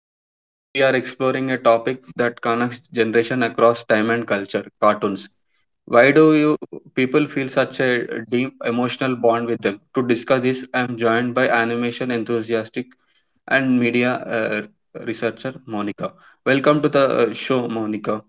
Manoj. Today, we are exploring a topic that connects generation across time and culture cartoons. Why do you people feel such a deep emotional bond with them? To discuss this, I'm joined by animation enthusiastic and media uh, researcher Monica. Welcome to the show, Monica.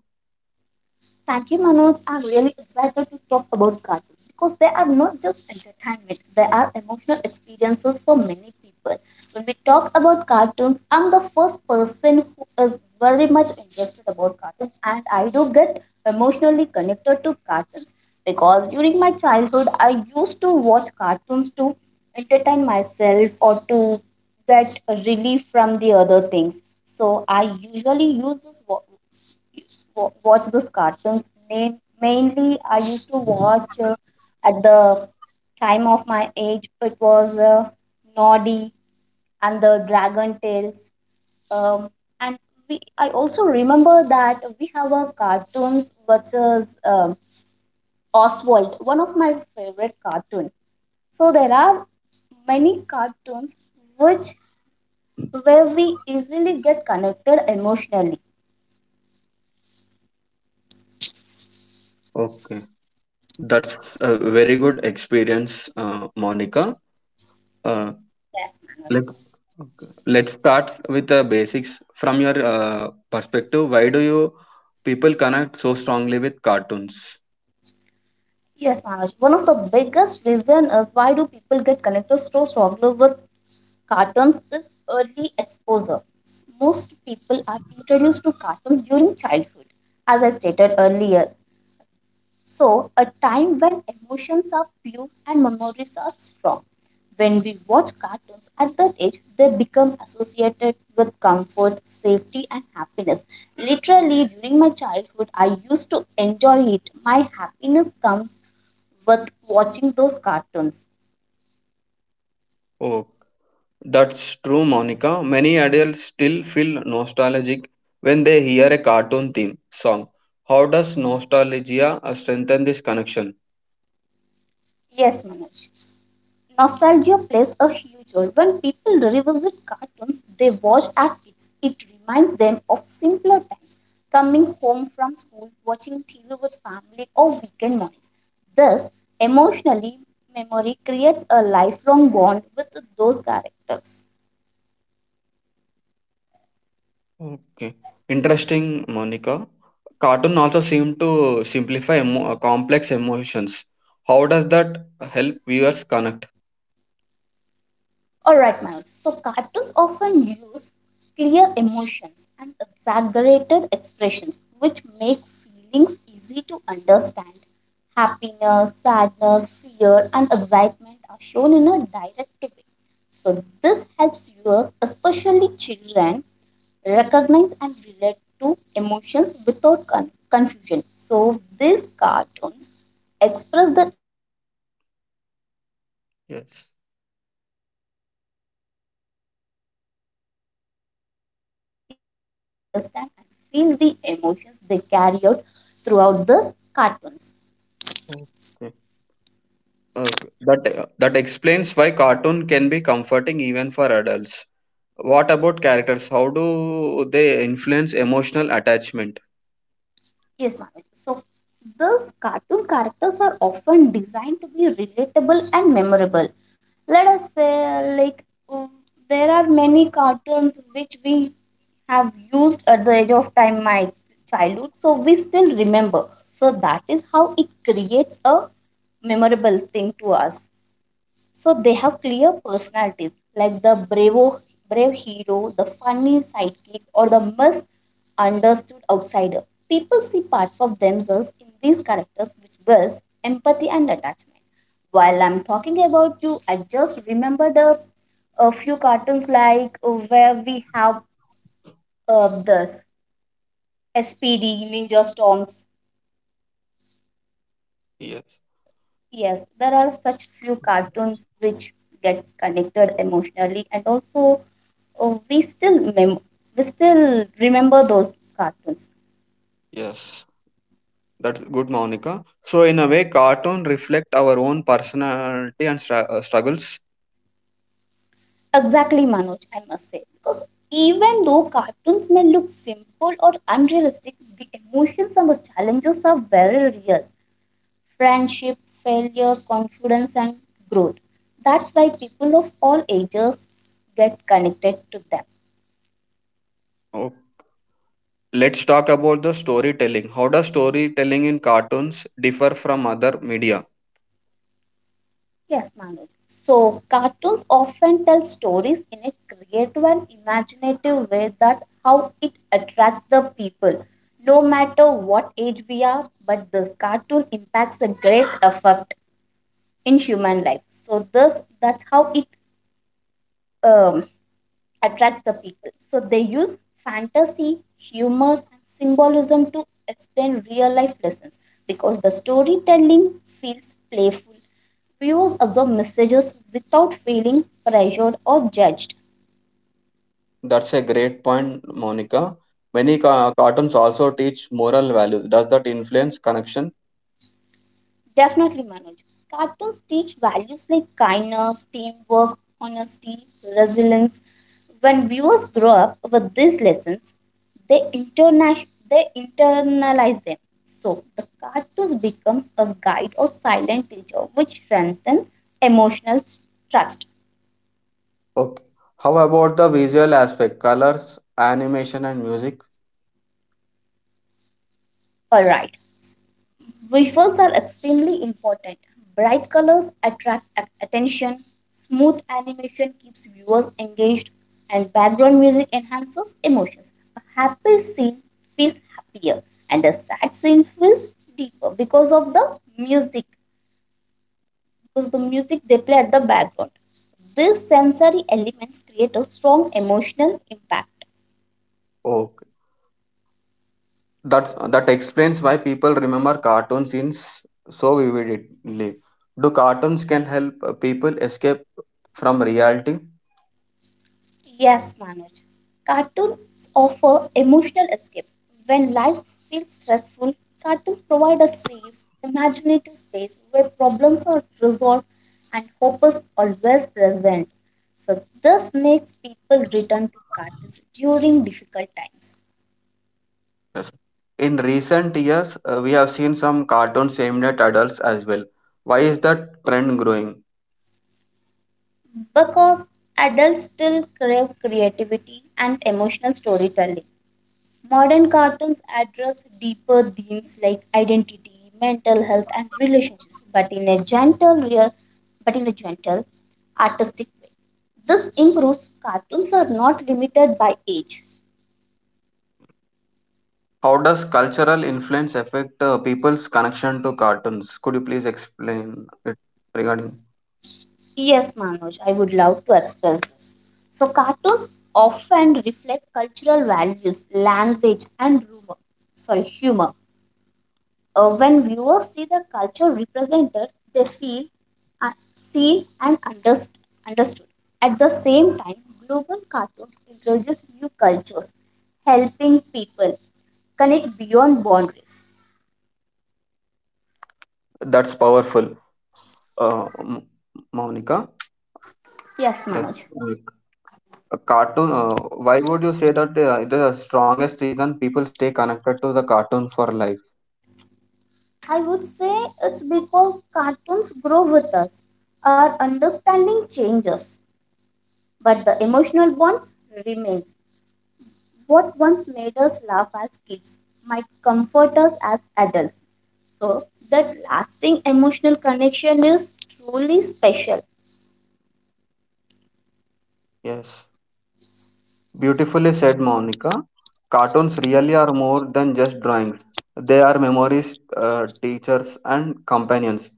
Thank you, Manoj. I'm really excited to talk about cartoons because they are not just entertainment, they are emotional experiences for many people. When we talk about cartoons, I'm the first person who is very much interested about cartoons and I do get emotionally connected to cartoons because during my childhood I used to watch cartoons to entertain myself or to get relief from the other things. So I usually use this watch those cartoons. Mainly, I used to watch at the time of my age. It was Noddy and the Dragon Tales. Um, and I also remember that we have a cartoons such as Oswald, one of my favorite cartoons. So there are many cartoons which where we easily get connected emotionally. Okay, that's a very good experience, Monica. Uh, Yes. Let, okay. Let's start with the basics. From your perspective, why do you people connect so strongly with cartoons? Yes, Manoj. One of the biggest reason is why do people get connected so strongly with cartoons is early exposure. Most people are introduced to cartoons during childhood, as I stated earlier. So, a time when emotions are pure and memories are strong. When we watch cartoons at that age, they become associated with comfort, safety, and happiness. Literally, during my childhood, I used to enjoy it. My happiness comes with watching those cartoons. Oh, that's true, Monica. Many adults still feel nostalgic when they hear a cartoon theme song. How does nostalgia strengthen this connection? Yes, Manoj. Nostalgia plays a huge role. When people revisit cartoons they watched as kids, it reminds them of simpler times, coming home from school, watching TV with family, or weekend mornings. Thus, emotionally, memory creates a lifelong bond with those characters. Okay, interesting, Monica. Cartoon also seem to simplify complex emotions. How does that help viewers connect? Alright, Manoj. So, cartoons often use clear emotions and exaggerated expressions, which make feelings easy to understand. Happiness, sadness, fear, and excitement are shown in a direct way. So, this helps viewers, especially children, recognize and relate to emotions without confusion. So, these cartoons express the emotions and e- Yes. Express their emotions in a very clear manner so that we can easily understand and feel the emotions they carry out throughout these cartoons. Okay. Uh, that that explains why cartoon can be comforting even for adults. What about characters? How do they influence emotional attachment? Yes, Manoj. So these cartoon characters are often designed to be relatable and memorable. Let us say, like, there are many cartoons which we have used at the age of time, my childhood, so we still remember. So that is how it creates a memorable thing to us. So they have clear personalities like the brave hero, the funny sidekick, or the misunderstood outsider. People see parts of themselves in these characters which builds empathy and attachment. While I'm talking about you, I just remembered a few cartoons like where we have this SPD Ninja Storms. Yes, Yes, there are such few cartoons which gets connected emotionally, and also we still we still remember those cartoons. yes, that's good, Monica. So in a way, cartoon reflect our own personality and struggles. Exactly, Manoj, I must say, because even though cartoons may look simple or unrealistic, the emotions and the challenges are very real. Friendship, failure, confidence, and growth. That's why people of all ages get connected to them. Oh. Let's talk about the storytelling. How does storytelling in cartoons differ from other media? Yes, Manoj. So, cartoons often tell stories in a creative and imaginative way that how it attracts the people. No matter what age we are, but this cartoon impacts a great effect in human life. So, this that's how it um, attracts the people. So they use fantasy, humor, and symbolism to explain real life lessons because the storytelling feels playful. Viewers absorb messages without feeling pressured or judged. That's a great point, Monica. Many cartoons also teach moral values. Does that influence connection? Definitely, Manoj. Cartoons teach values like kindness, teamwork, honesty, resilience. When viewers grow up with these lessons, they internalize them. So, the cartoons becomes a guide or silent teacher which strengthens emotional trust. Okay. How about the visual aspect, colors, animation, and music? All right. Visuals are extremely important. Bright colors attract attention, smooth animation keeps viewers engaged, and background music enhances emotions. A happy scene feels happier, and a sad scene feels deeper because of the music, because the music they play at the background. These sensory elements create a strong emotional impact. Okay. That's that explains why people remember cartoons in so vividly. Do cartoons can help people escape from reality? Yes, Manoj. Cartoons offer emotional escape. When life feels stressful, cartoons provide a safe, imaginative space where problems are resolved and hope is always present. So, this makes people return to cartoons during difficult times Yes. In recent years, we have seen some cartoons aimed at adults as well. Why is that trend growing? because adults still crave creativity and emotional storytelling. Modern cartoons address deeper themes like identity, mental health, and relationships, but in a gentle, artistic way. This improves cartoons are not limited by age. How does cultural influence affect people's connection to cartoons? Could you please explain it regarding? Yes, Manoj, I would love to express this. So, cartoons often reflect cultural values, language, and rumor, sorry, humor. When viewers see the culture represented, they feel seen and understood. At the same time, global cartoons introduce new cultures, helping people connect beyond boundaries. That's powerful. Uh, M- Monica, Yes, yes, Manoj. A cartoon. Why would you say that the strongest reason people stay connected to the cartoon for life? I would say it's because cartoons grow with us. Our understanding changes, but the emotional bonds remains. What once made us laugh as kids might comfort us as adults. So that lasting emotional connection is truly special. Yes, beautifully said, Monica. Cartoons really are more than just drawings. They are memories, teachers, and companions.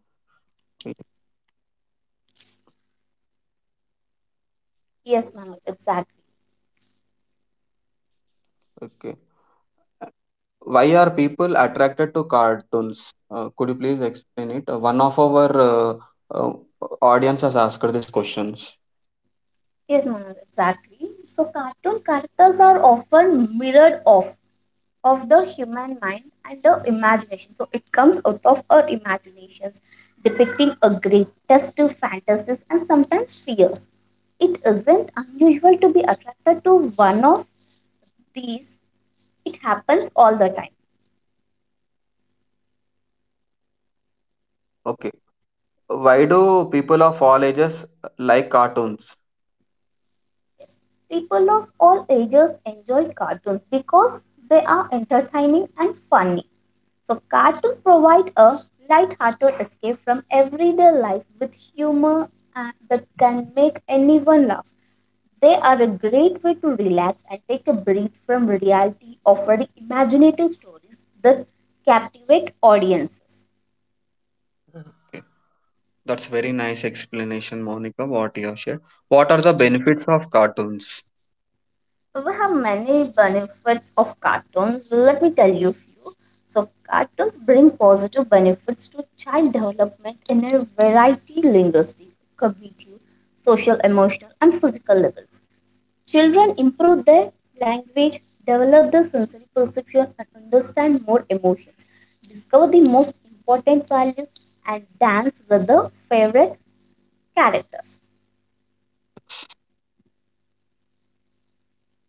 Yes, Manoj, exactly. Okay. Why are people attracted to cartoons? Could you please explain it? One of our uh, audience has asked this questions. Yes, Manoj, exactly. So cartoon characters are often mirrored off of the human mind and the imagination. So it comes out of our imaginations, depicting a greatest fantasies and sometimes fears. It isn't unusual to be attracted to one of these. It happens all the time. Okay. Why do people of all ages like cartoons? Yes. People of all ages enjoy cartoons because they are entertaining and funny. So, cartoons provide a light-hearted escape from everyday life with humor and that can make anyone laugh. They are a great way to relax and take a breath from reality, offering imaginative stories that captivate audiences. That's very nice explanation, Monica. What you have shared. What are the benefits of cartoons? We have many benefits of cartoons. Let me tell you a few. So, cartoons bring positive benefits to child development in a variety linguistic, cognitive, social, emotional, and physical levels. Children improve their language, develop their sensory perception, and understand more emotions, discover the most important values, and dance with their favorite characters.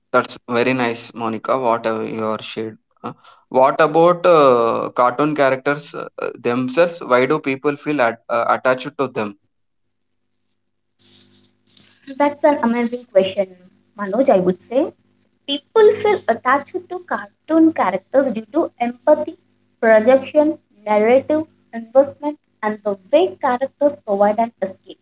That's very nice, Monica. What are your shade? Uh, What about cartoon characters themselves? Why do people feel attached to them? That's an amazing question, Manoj, I would say. People feel attached to cartoon characters due to empathy, projection, narrative, investment, and the way characters provide an escape.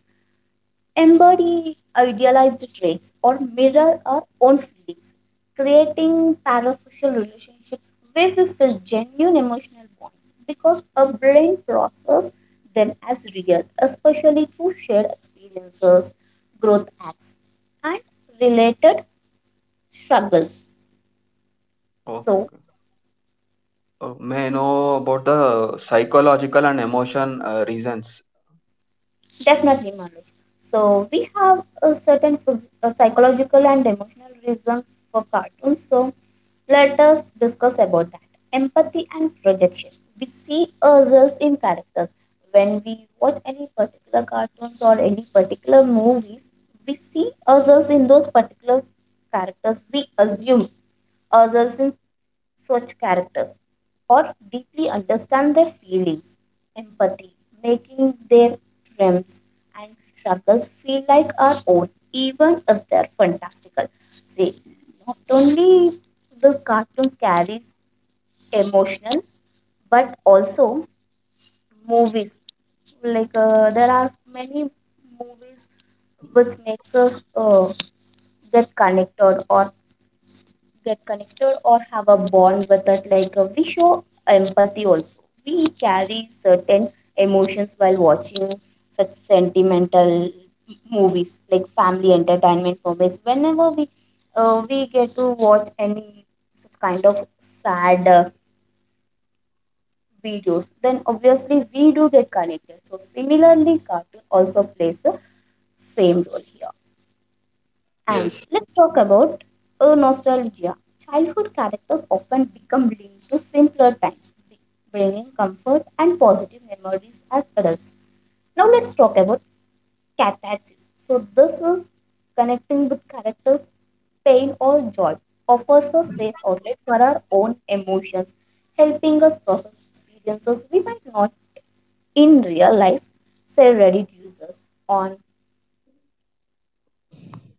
Embody idealized traits or mirror our own feelings, creating parasocial relationships where we feel genuine emotional bonds because our brain processes them as real, especially through shared experiences, growth acts, and related struggles. Oh, So, may I know about the psychological and emotion reasons? definitely, Manu. So we have a certain psychological and emotional reasons for cartoons. So let us discuss about that. Empathy and projection. We see ourselves in characters. When we watch any particular cartoons or any particular movies, we see ourselves in those particular characters. We assume ourselves in such characters or deeply understand their feelings, empathy, making their dreams and struggles feel like our own, even if they're fantastical. See, not only this cartoons carries emotional, but also movies. Like there are many movies which makes us get connected or get connected or have a bond with it like we show empathy also we carry certain emotions while watching such sentimental movies like family entertainment movies whenever we get to watch any such kind of sad videos, then obviously we do get connected. So similarly cartoon also plays the same role here, and Yes, let's talk about a nostalgia. Childhood characters often become linked to simpler times, bringing comfort and positive memories as adults. Now let's talk about catharsis. So this is connecting with characters, pain or joy, offers a safe outlet for our own emotions, helping us process experiences we might not in real life, say Reddit users on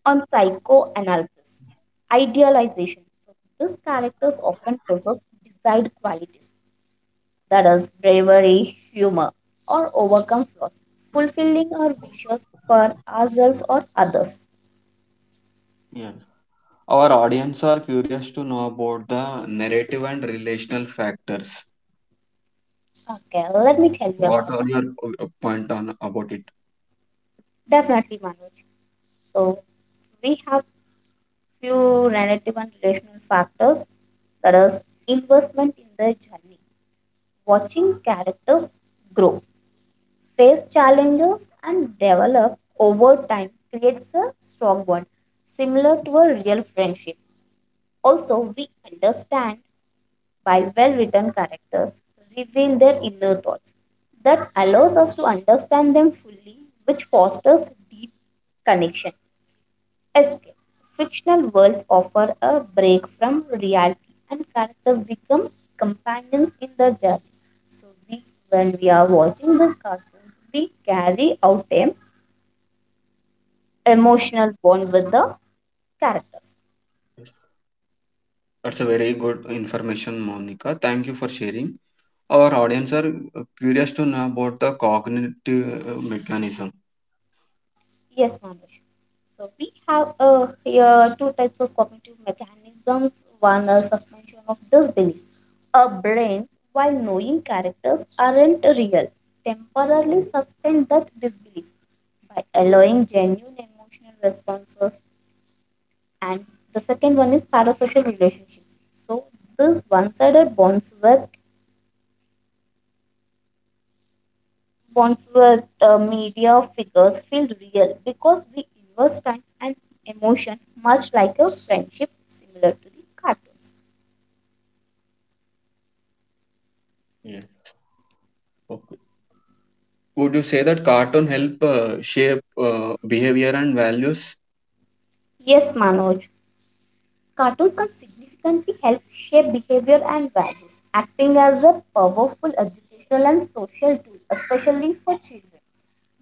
psychoanalysis, idealization. So these characters often possess desired qualities, that is, bravery, humor, or overcome flaws, fulfilling our wishes for ourselves or others. yes. Our audience are curious to know about the narrative and relational factors. Okay, let me tell you What about are that. your point on about it? Definitely, Manoj. So we have few narrative and relational factors, that is, investment in their journey, watching characters grow face challenges and develop over time creates a strong bond similar to a real friendship. Also, we understand why well written characters reveal their inner thoughts. That allows us to understand them fully, which fosters deep connection escape. Fictional worlds offer a break from reality, and characters become companions in the journey. So, we, when we are watching these cartoons, we carry out an Yeah, emotional bond with the characters. that's a very good information, Monica. Thank you for sharing. Our audience are curious to know about the cognitive mechanism. Yes, Manush. So we have here two types of cognitive mechanisms. One, a suspension of disbelief. Our brains, while knowing characters aren't real, temporarily suspend that disbelief by allowing genuine emotional responses. And the second one is parasocial relationships. So these one-sided bonds media figures feel real because we invest time and emotion much like a friendship similar to the cartoons. Yeah. Okay. Would you say that cartoon help shape behavior and values? Yes, Manoj. Cartoons can significantly help shape behavior and values, acting as a powerful educational and social tool, especially for children.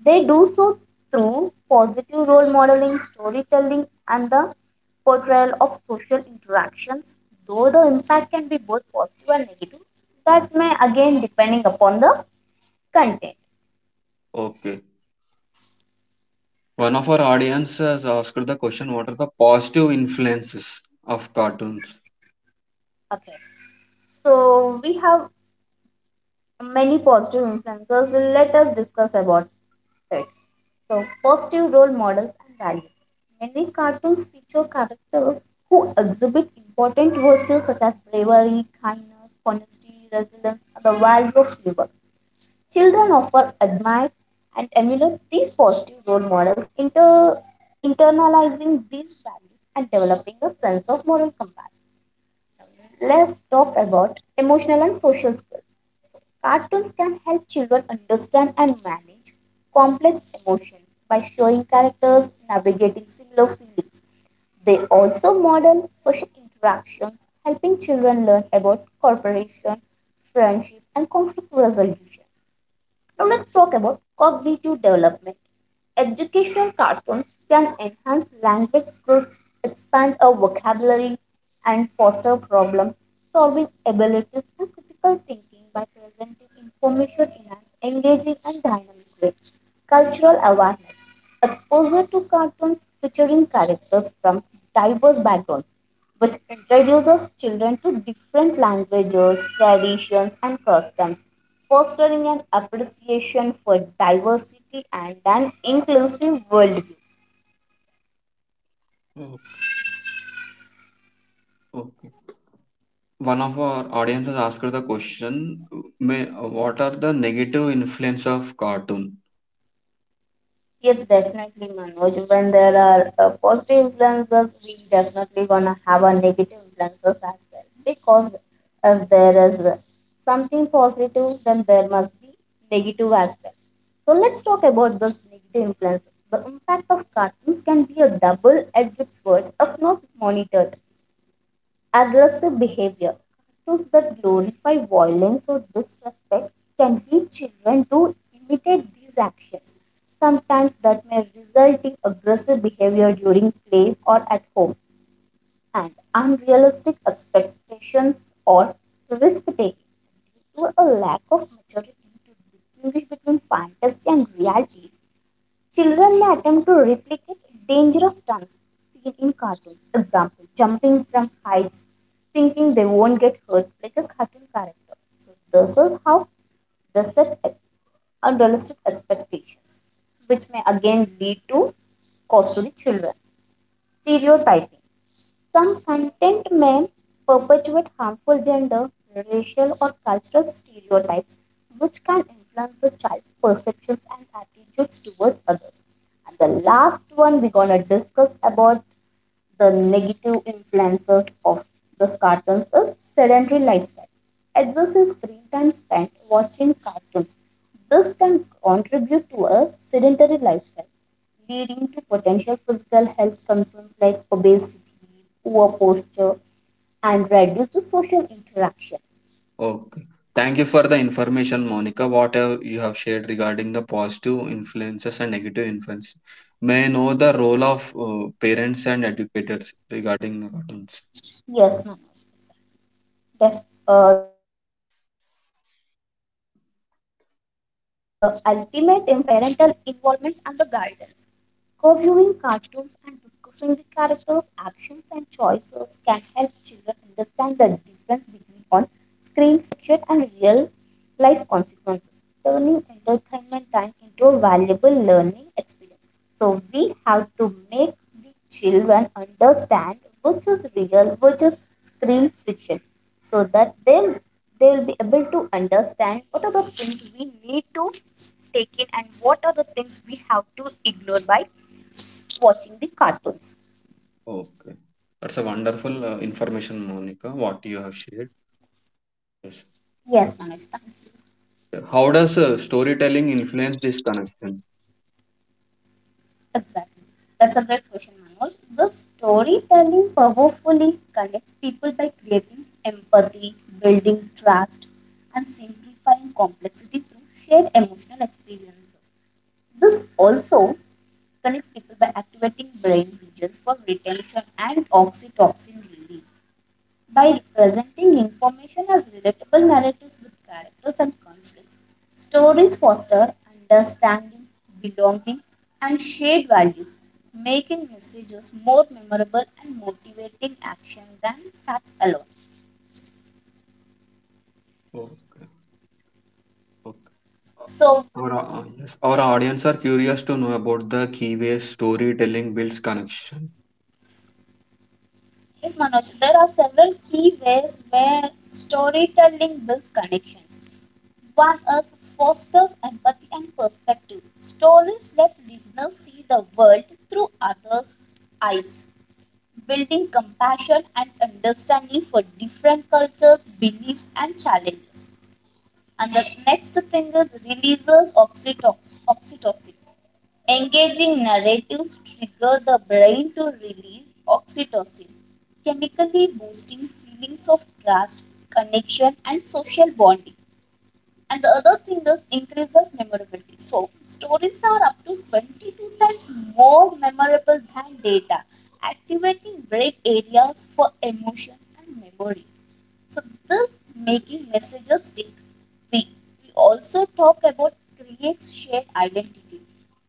They do so through positive role modeling, storytelling, and the portrayal of social interactions, though the impact can be both positive and negative. That may again depending upon the content. Okay. One of our audience has asked the question: what are the positive influences of cartoons? Okay, so we have many positive influences. Let us discuss about it. So, positive role models and values. Many cartoons feature characters who exhibit important virtues such as bravery, kindness, honesty, resilience, and the value of labor. Children often admire and emulate these positive role models, internalizing these values and developing a sense of moral compassion. Let's talk about emotional and social skills. Cartoons can help children understand and manage complex emotions by showing characters navigating similar feelings. They also model social interactions, helping children learn about cooperation, friendship, and conflict resolution. Now let's talk about cognitive development. Educational cartoons can enhance language skills, expand our vocabulary, and foster problem solving abilities and critical thinking by presenting information in an engaging and dynamic way. Cultural awareness. Exposure to cartoons featuring characters from diverse backgrounds which introduces children to different languages, traditions, and customs, fostering an appreciation for diversity and an inclusive worldview. Okay. Okay. One of our audiences asked the question: "May- what are the negative influence of cartoon?" Yes, definitely, Manoj. When there are positive influences, we definitely gonna have a negative influences as well. Because if there is something positive, then there must be negative as well. So let's talk about those negative influences. The impact of cartoons can be a double-edged sword if not monitored. Aggressive behavior, cartoons that glorify violence or disrespect can lead children to imitate these actions. Sometimes that may result in aggressive behavior during play or at home, and unrealistic expectations or risk taking due to a lack of maturity to distinguish between fantasy and reality, children may attempt to replicate dangerous stunts seen in cartoons. Example, jumping from heights, thinking they won't get hurt like a cartoon character. So this is how they unrealistic expectations, which may again lead to cost to the children. Stereotyping. Some content may perpetuate harmful gender, racial, or cultural stereotypes, which can influence the child's perceptions and attitudes towards others. And the last one we're gonna discuss about the negative influences of these cartoons is sedentary lifestyle. Excessive screen time spent watching cartoons. This can contribute to a sedentary lifestyle, leading to potential physical health concerns like obesity, poor posture, and reduced social interaction. Okay, thank you for the information, Monica. What have you have shared regarding the positive influences and negative influence, may I know the role of parents and educators regarding the cartoons? Yes, ma'am. The ultimate influence often depends upon parental involvement and the guidance. Co viewing cartoons and discussing the characters' actions and choices can help children understand the difference between on screen fiction and real life consequences, turning entertainment time into a valuable learning experience. So, we have to make the children understand which is real, which is screen fiction, so that then they will be able to understand what are the things we need to take in and what are the things we have to ignore by watching the cartoons. Okay, that's a wonderful information, Monica, what you have shared. Yes. Yes, Manoj, thank you. How does storytelling influence this connection? Exactly. That's a great question, Manoj. The storytelling powerfully connects people by creating empathy, building trust, and simplifying complexity through shared emotional experiences. This also connects people by activating brain regions for retention and oxytocin release. By presenting information as relatable narratives with characters and conflicts. Stories foster understanding, belonging, and shared values, making messages more memorable and motivating action than facts alone. Okay. Okay. So, Yes, our audience are curious to know about the key ways storytelling builds connection. yes, Manoj, there are several key ways where storytelling builds connections. One is fosters empathy and perspective. Stories let listeners see the world through others' eyes building compassion and understanding for different cultures, beliefs, and challenges. And the next thing is releases oxytocin. Engaging narratives trigger the brain to release oxytocin, chemically boosting feelings of trust, connection, and social bonding. And the other thing is increases memorability. So stories are up to 22 times more memorable than data, activating brain areas for emotion and memory. So this making messages stick. We, we also talk about creates shared identity,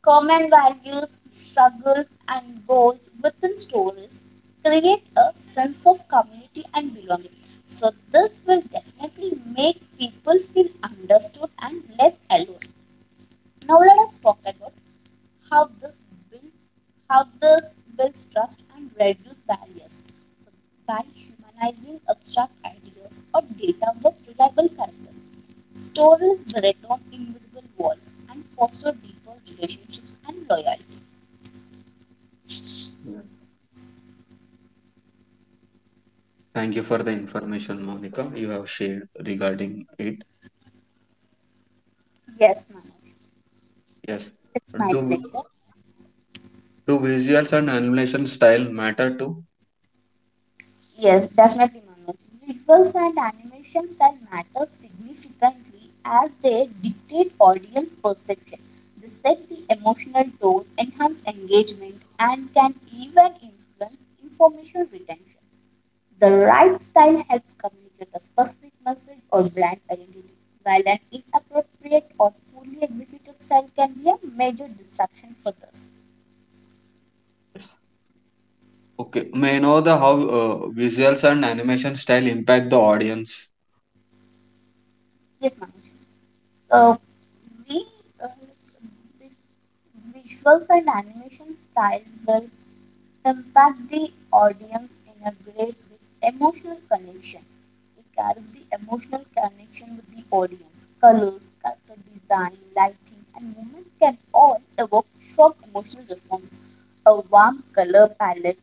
common values, struggles, and goals within stories create a sense of community and belonging. So this will definitely make people feel understood and less alone. Now let us talk about how this builds how this builds trust and reduce barriers. So by humanizing abstract ideas or data with reliable characters, stories break down invisible walls and foster deeper relationships and loyalty. Yeah. Thank you for the information, Monica, you have shared regarding it. Yes, Manoj, Yes. it's my Do pleasure. do visuals and animation style matter too? Yes, definitely, Manu. Visuals and animation style matter significantly as they dictate audience perception. They set the emotional tone, enhance engagement, and can even influence information retention. The right style helps communicate a specific message or brand identity, while an inappropriate or poorly executed style can be a major distraction for this. Okay. May I know the how uh, visuals and animation style impact the audience? Yes, Manoj. Uh, we uh, vis- Visuals and animation style will impact the audience in a great way. Emotional connection. It carries the emotional connection with the audience. Colors, character design, lighting, and movement can all evoke strong emotional responses. A warm color palette,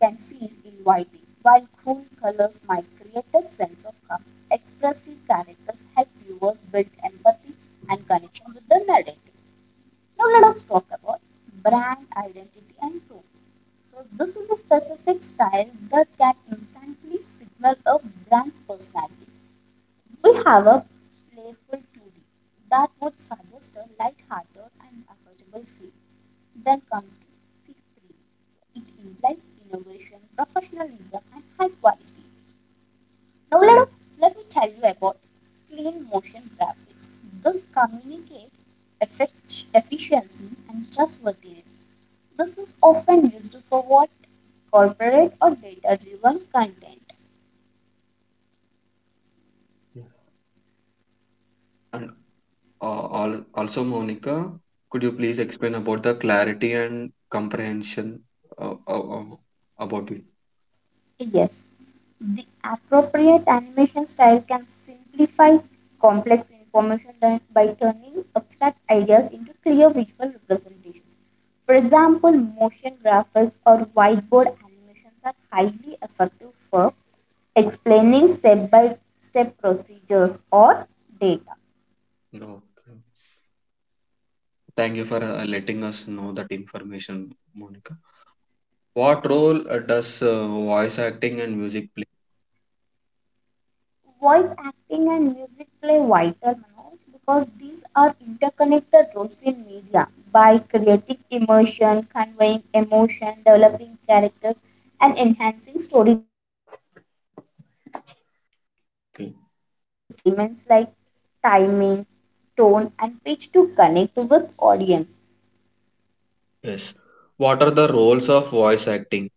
can feel inviting, while cool colors might create a sense of calm. Expressive characters help viewers build empathy and connection with the narrative. Now let us talk about brand identity and tone. So this is a specific style that can instantly signal a brand's personality. We have a playful 2D that would suggest a light-hearted and approachable feel. Then comes C3. It implies innovation, professionalism, and high quality. Now let me tell you about clean motion graphics. This communicate efficiency and trustworthiness. This is often used for what corporate or data driven content. Yeah. And also, Monica, could you please explain about the clarity and comprehension uh, uh, uh, about it? Yes, the appropriate animation style can simplify complex information by turning abstract ideas into clear visual representations. For example, motion graphics or whiteboard animations are highly effective for explaining step by step procedures or data. Okay. Thank you for letting us know that information, Monica. What role does voice acting and music play? Voice acting and music play vital roles because these are interconnected roles in media by creating immersion, conveying emotion, developing characters, and enhancing storytelling. They both use vocal and Okay. auditory elements like timing, tone, and pitch to connect with audience. Yes. What are the roles of voice acting?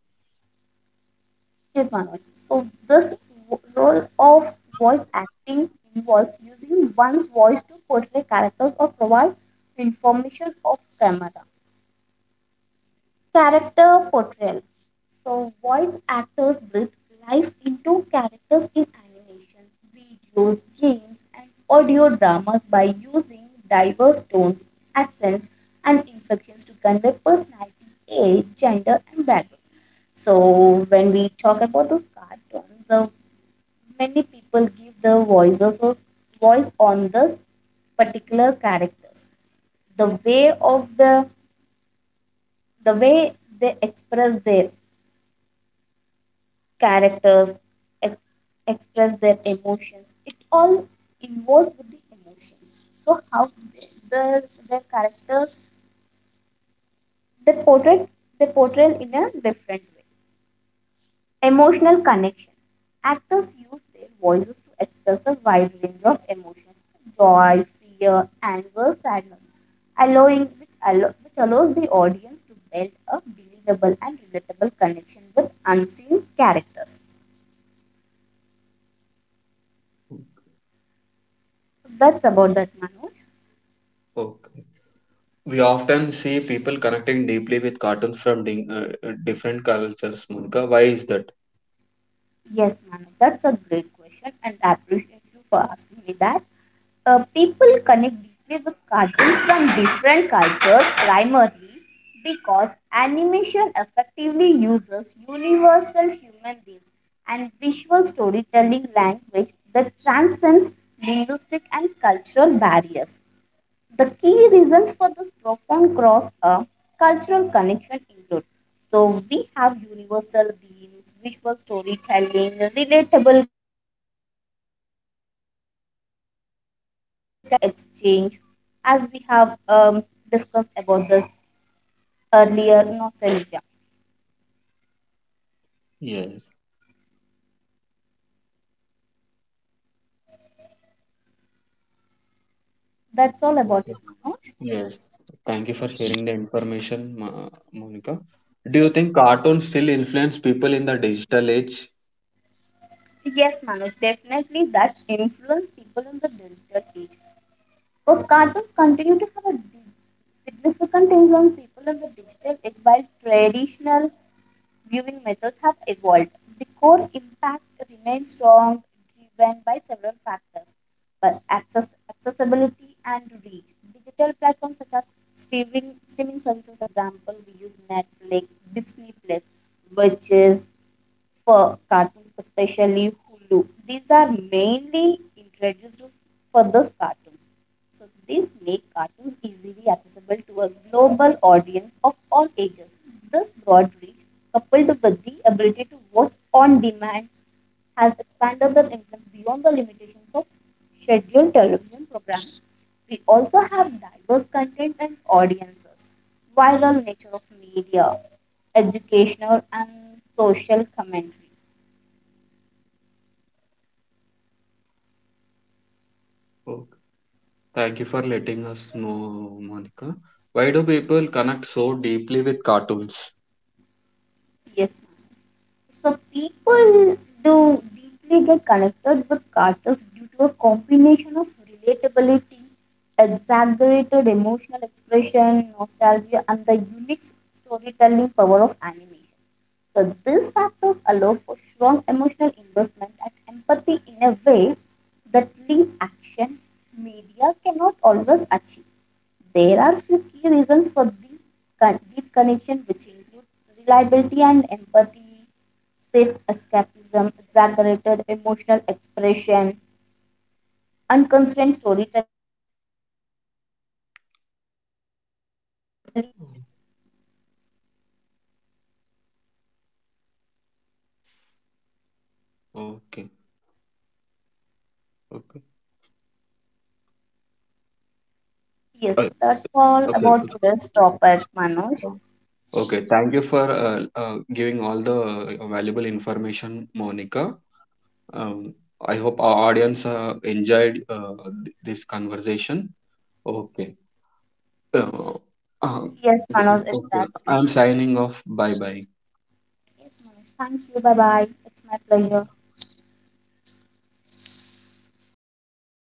Yes, Manoj. So this role of voice acting involves using one's voice to portray characters or provide information of camera. Character portrayal. So voice actors breathe life into characters in animations, videos, games, and audio dramas by using diverse tones, accents, and inflections to convey personality, age, gender, and background. So when we talk about those cartoons, the many people give their voices or voice on this particular characters the way of the the way they express their characters ex- express their emotions, it all involves with the emotions. So how they, the their characters they portray they portray in a different way. Emotional connection. Actors use their voices to express a wide range of emotions, joy, fear, anger, sadness, which allows the audience to build a believable and relatable connection with unseen characters. So that's about that, Manoj. Okay. We often see people connecting deeply with cartoons from different cultures, Monica. Why is that? Yes, Manu, that's a great question, and I appreciate you for asking me that. People connect deeply with cartoons from different cultures primarily because animation effectively uses universal human themes and visual storytelling language that transcends linguistic and cultural barriers. The key reasons for this profound cross cultural connection include so we have universal themes, visual storytelling, relatable characters, creative freedom, and symbolism, cultural exchange, as we have discussed about this earlier, nostalgia. Yes. That's all about Okay. it, Manoj. Yes. Thank you for sharing the information, Monica. Do you think cartoons still influence people in the digital age? Yes, Manoj, definitely that influenced people in the digital age. Of cartoons continue to have a significant influence people in the digital age while traditional viewing methods have evolved. The core impact remains strong, driven by several factors, but access, accessibility and reach. Digital platforms such as streaming services, example, we use Netflix, Disney Plus, which is for cartoons, especially Hulu. These are mainly introduced for these cartoons. So these make cartoons easily accessible to a global audience of all ages. This broad reach, coupled with the ability to watch on demand, has expanded their influence beyond the limitations of scheduled television programs. We also have diverse content and audiences, viral nature of media, educational and social commentary. Okay. Thank you for letting us know, Monica. Why do people connect so deeply with cartoons? Yes, ma'am. So people do deeply get connected with cartoons due to a combination of relatability, exaggerated emotional expression, nostalgia, and the unique storytelling power of animation. So these factors allow for strong emotional investment and empathy in a way that live action media cannot always achieve. There are few key reasons for this deep connection, which include reliability and empathy, safe escapism, exaggerated emotional expression, unconstrained storytelling, idealization, and predictability. Okay, okay, Yes, uh, that's all okay, about today's topic, Manoj. okay. Thank you for giving all the valuable information, Monica. Um, I hope our audience enjoyed this conversation. Okay. Uh, uh, Yes, Manoj, okay. exactly. I'm signing off. Bye bye. Yes, Manoj, thank you. Bye bye. It's my pleasure.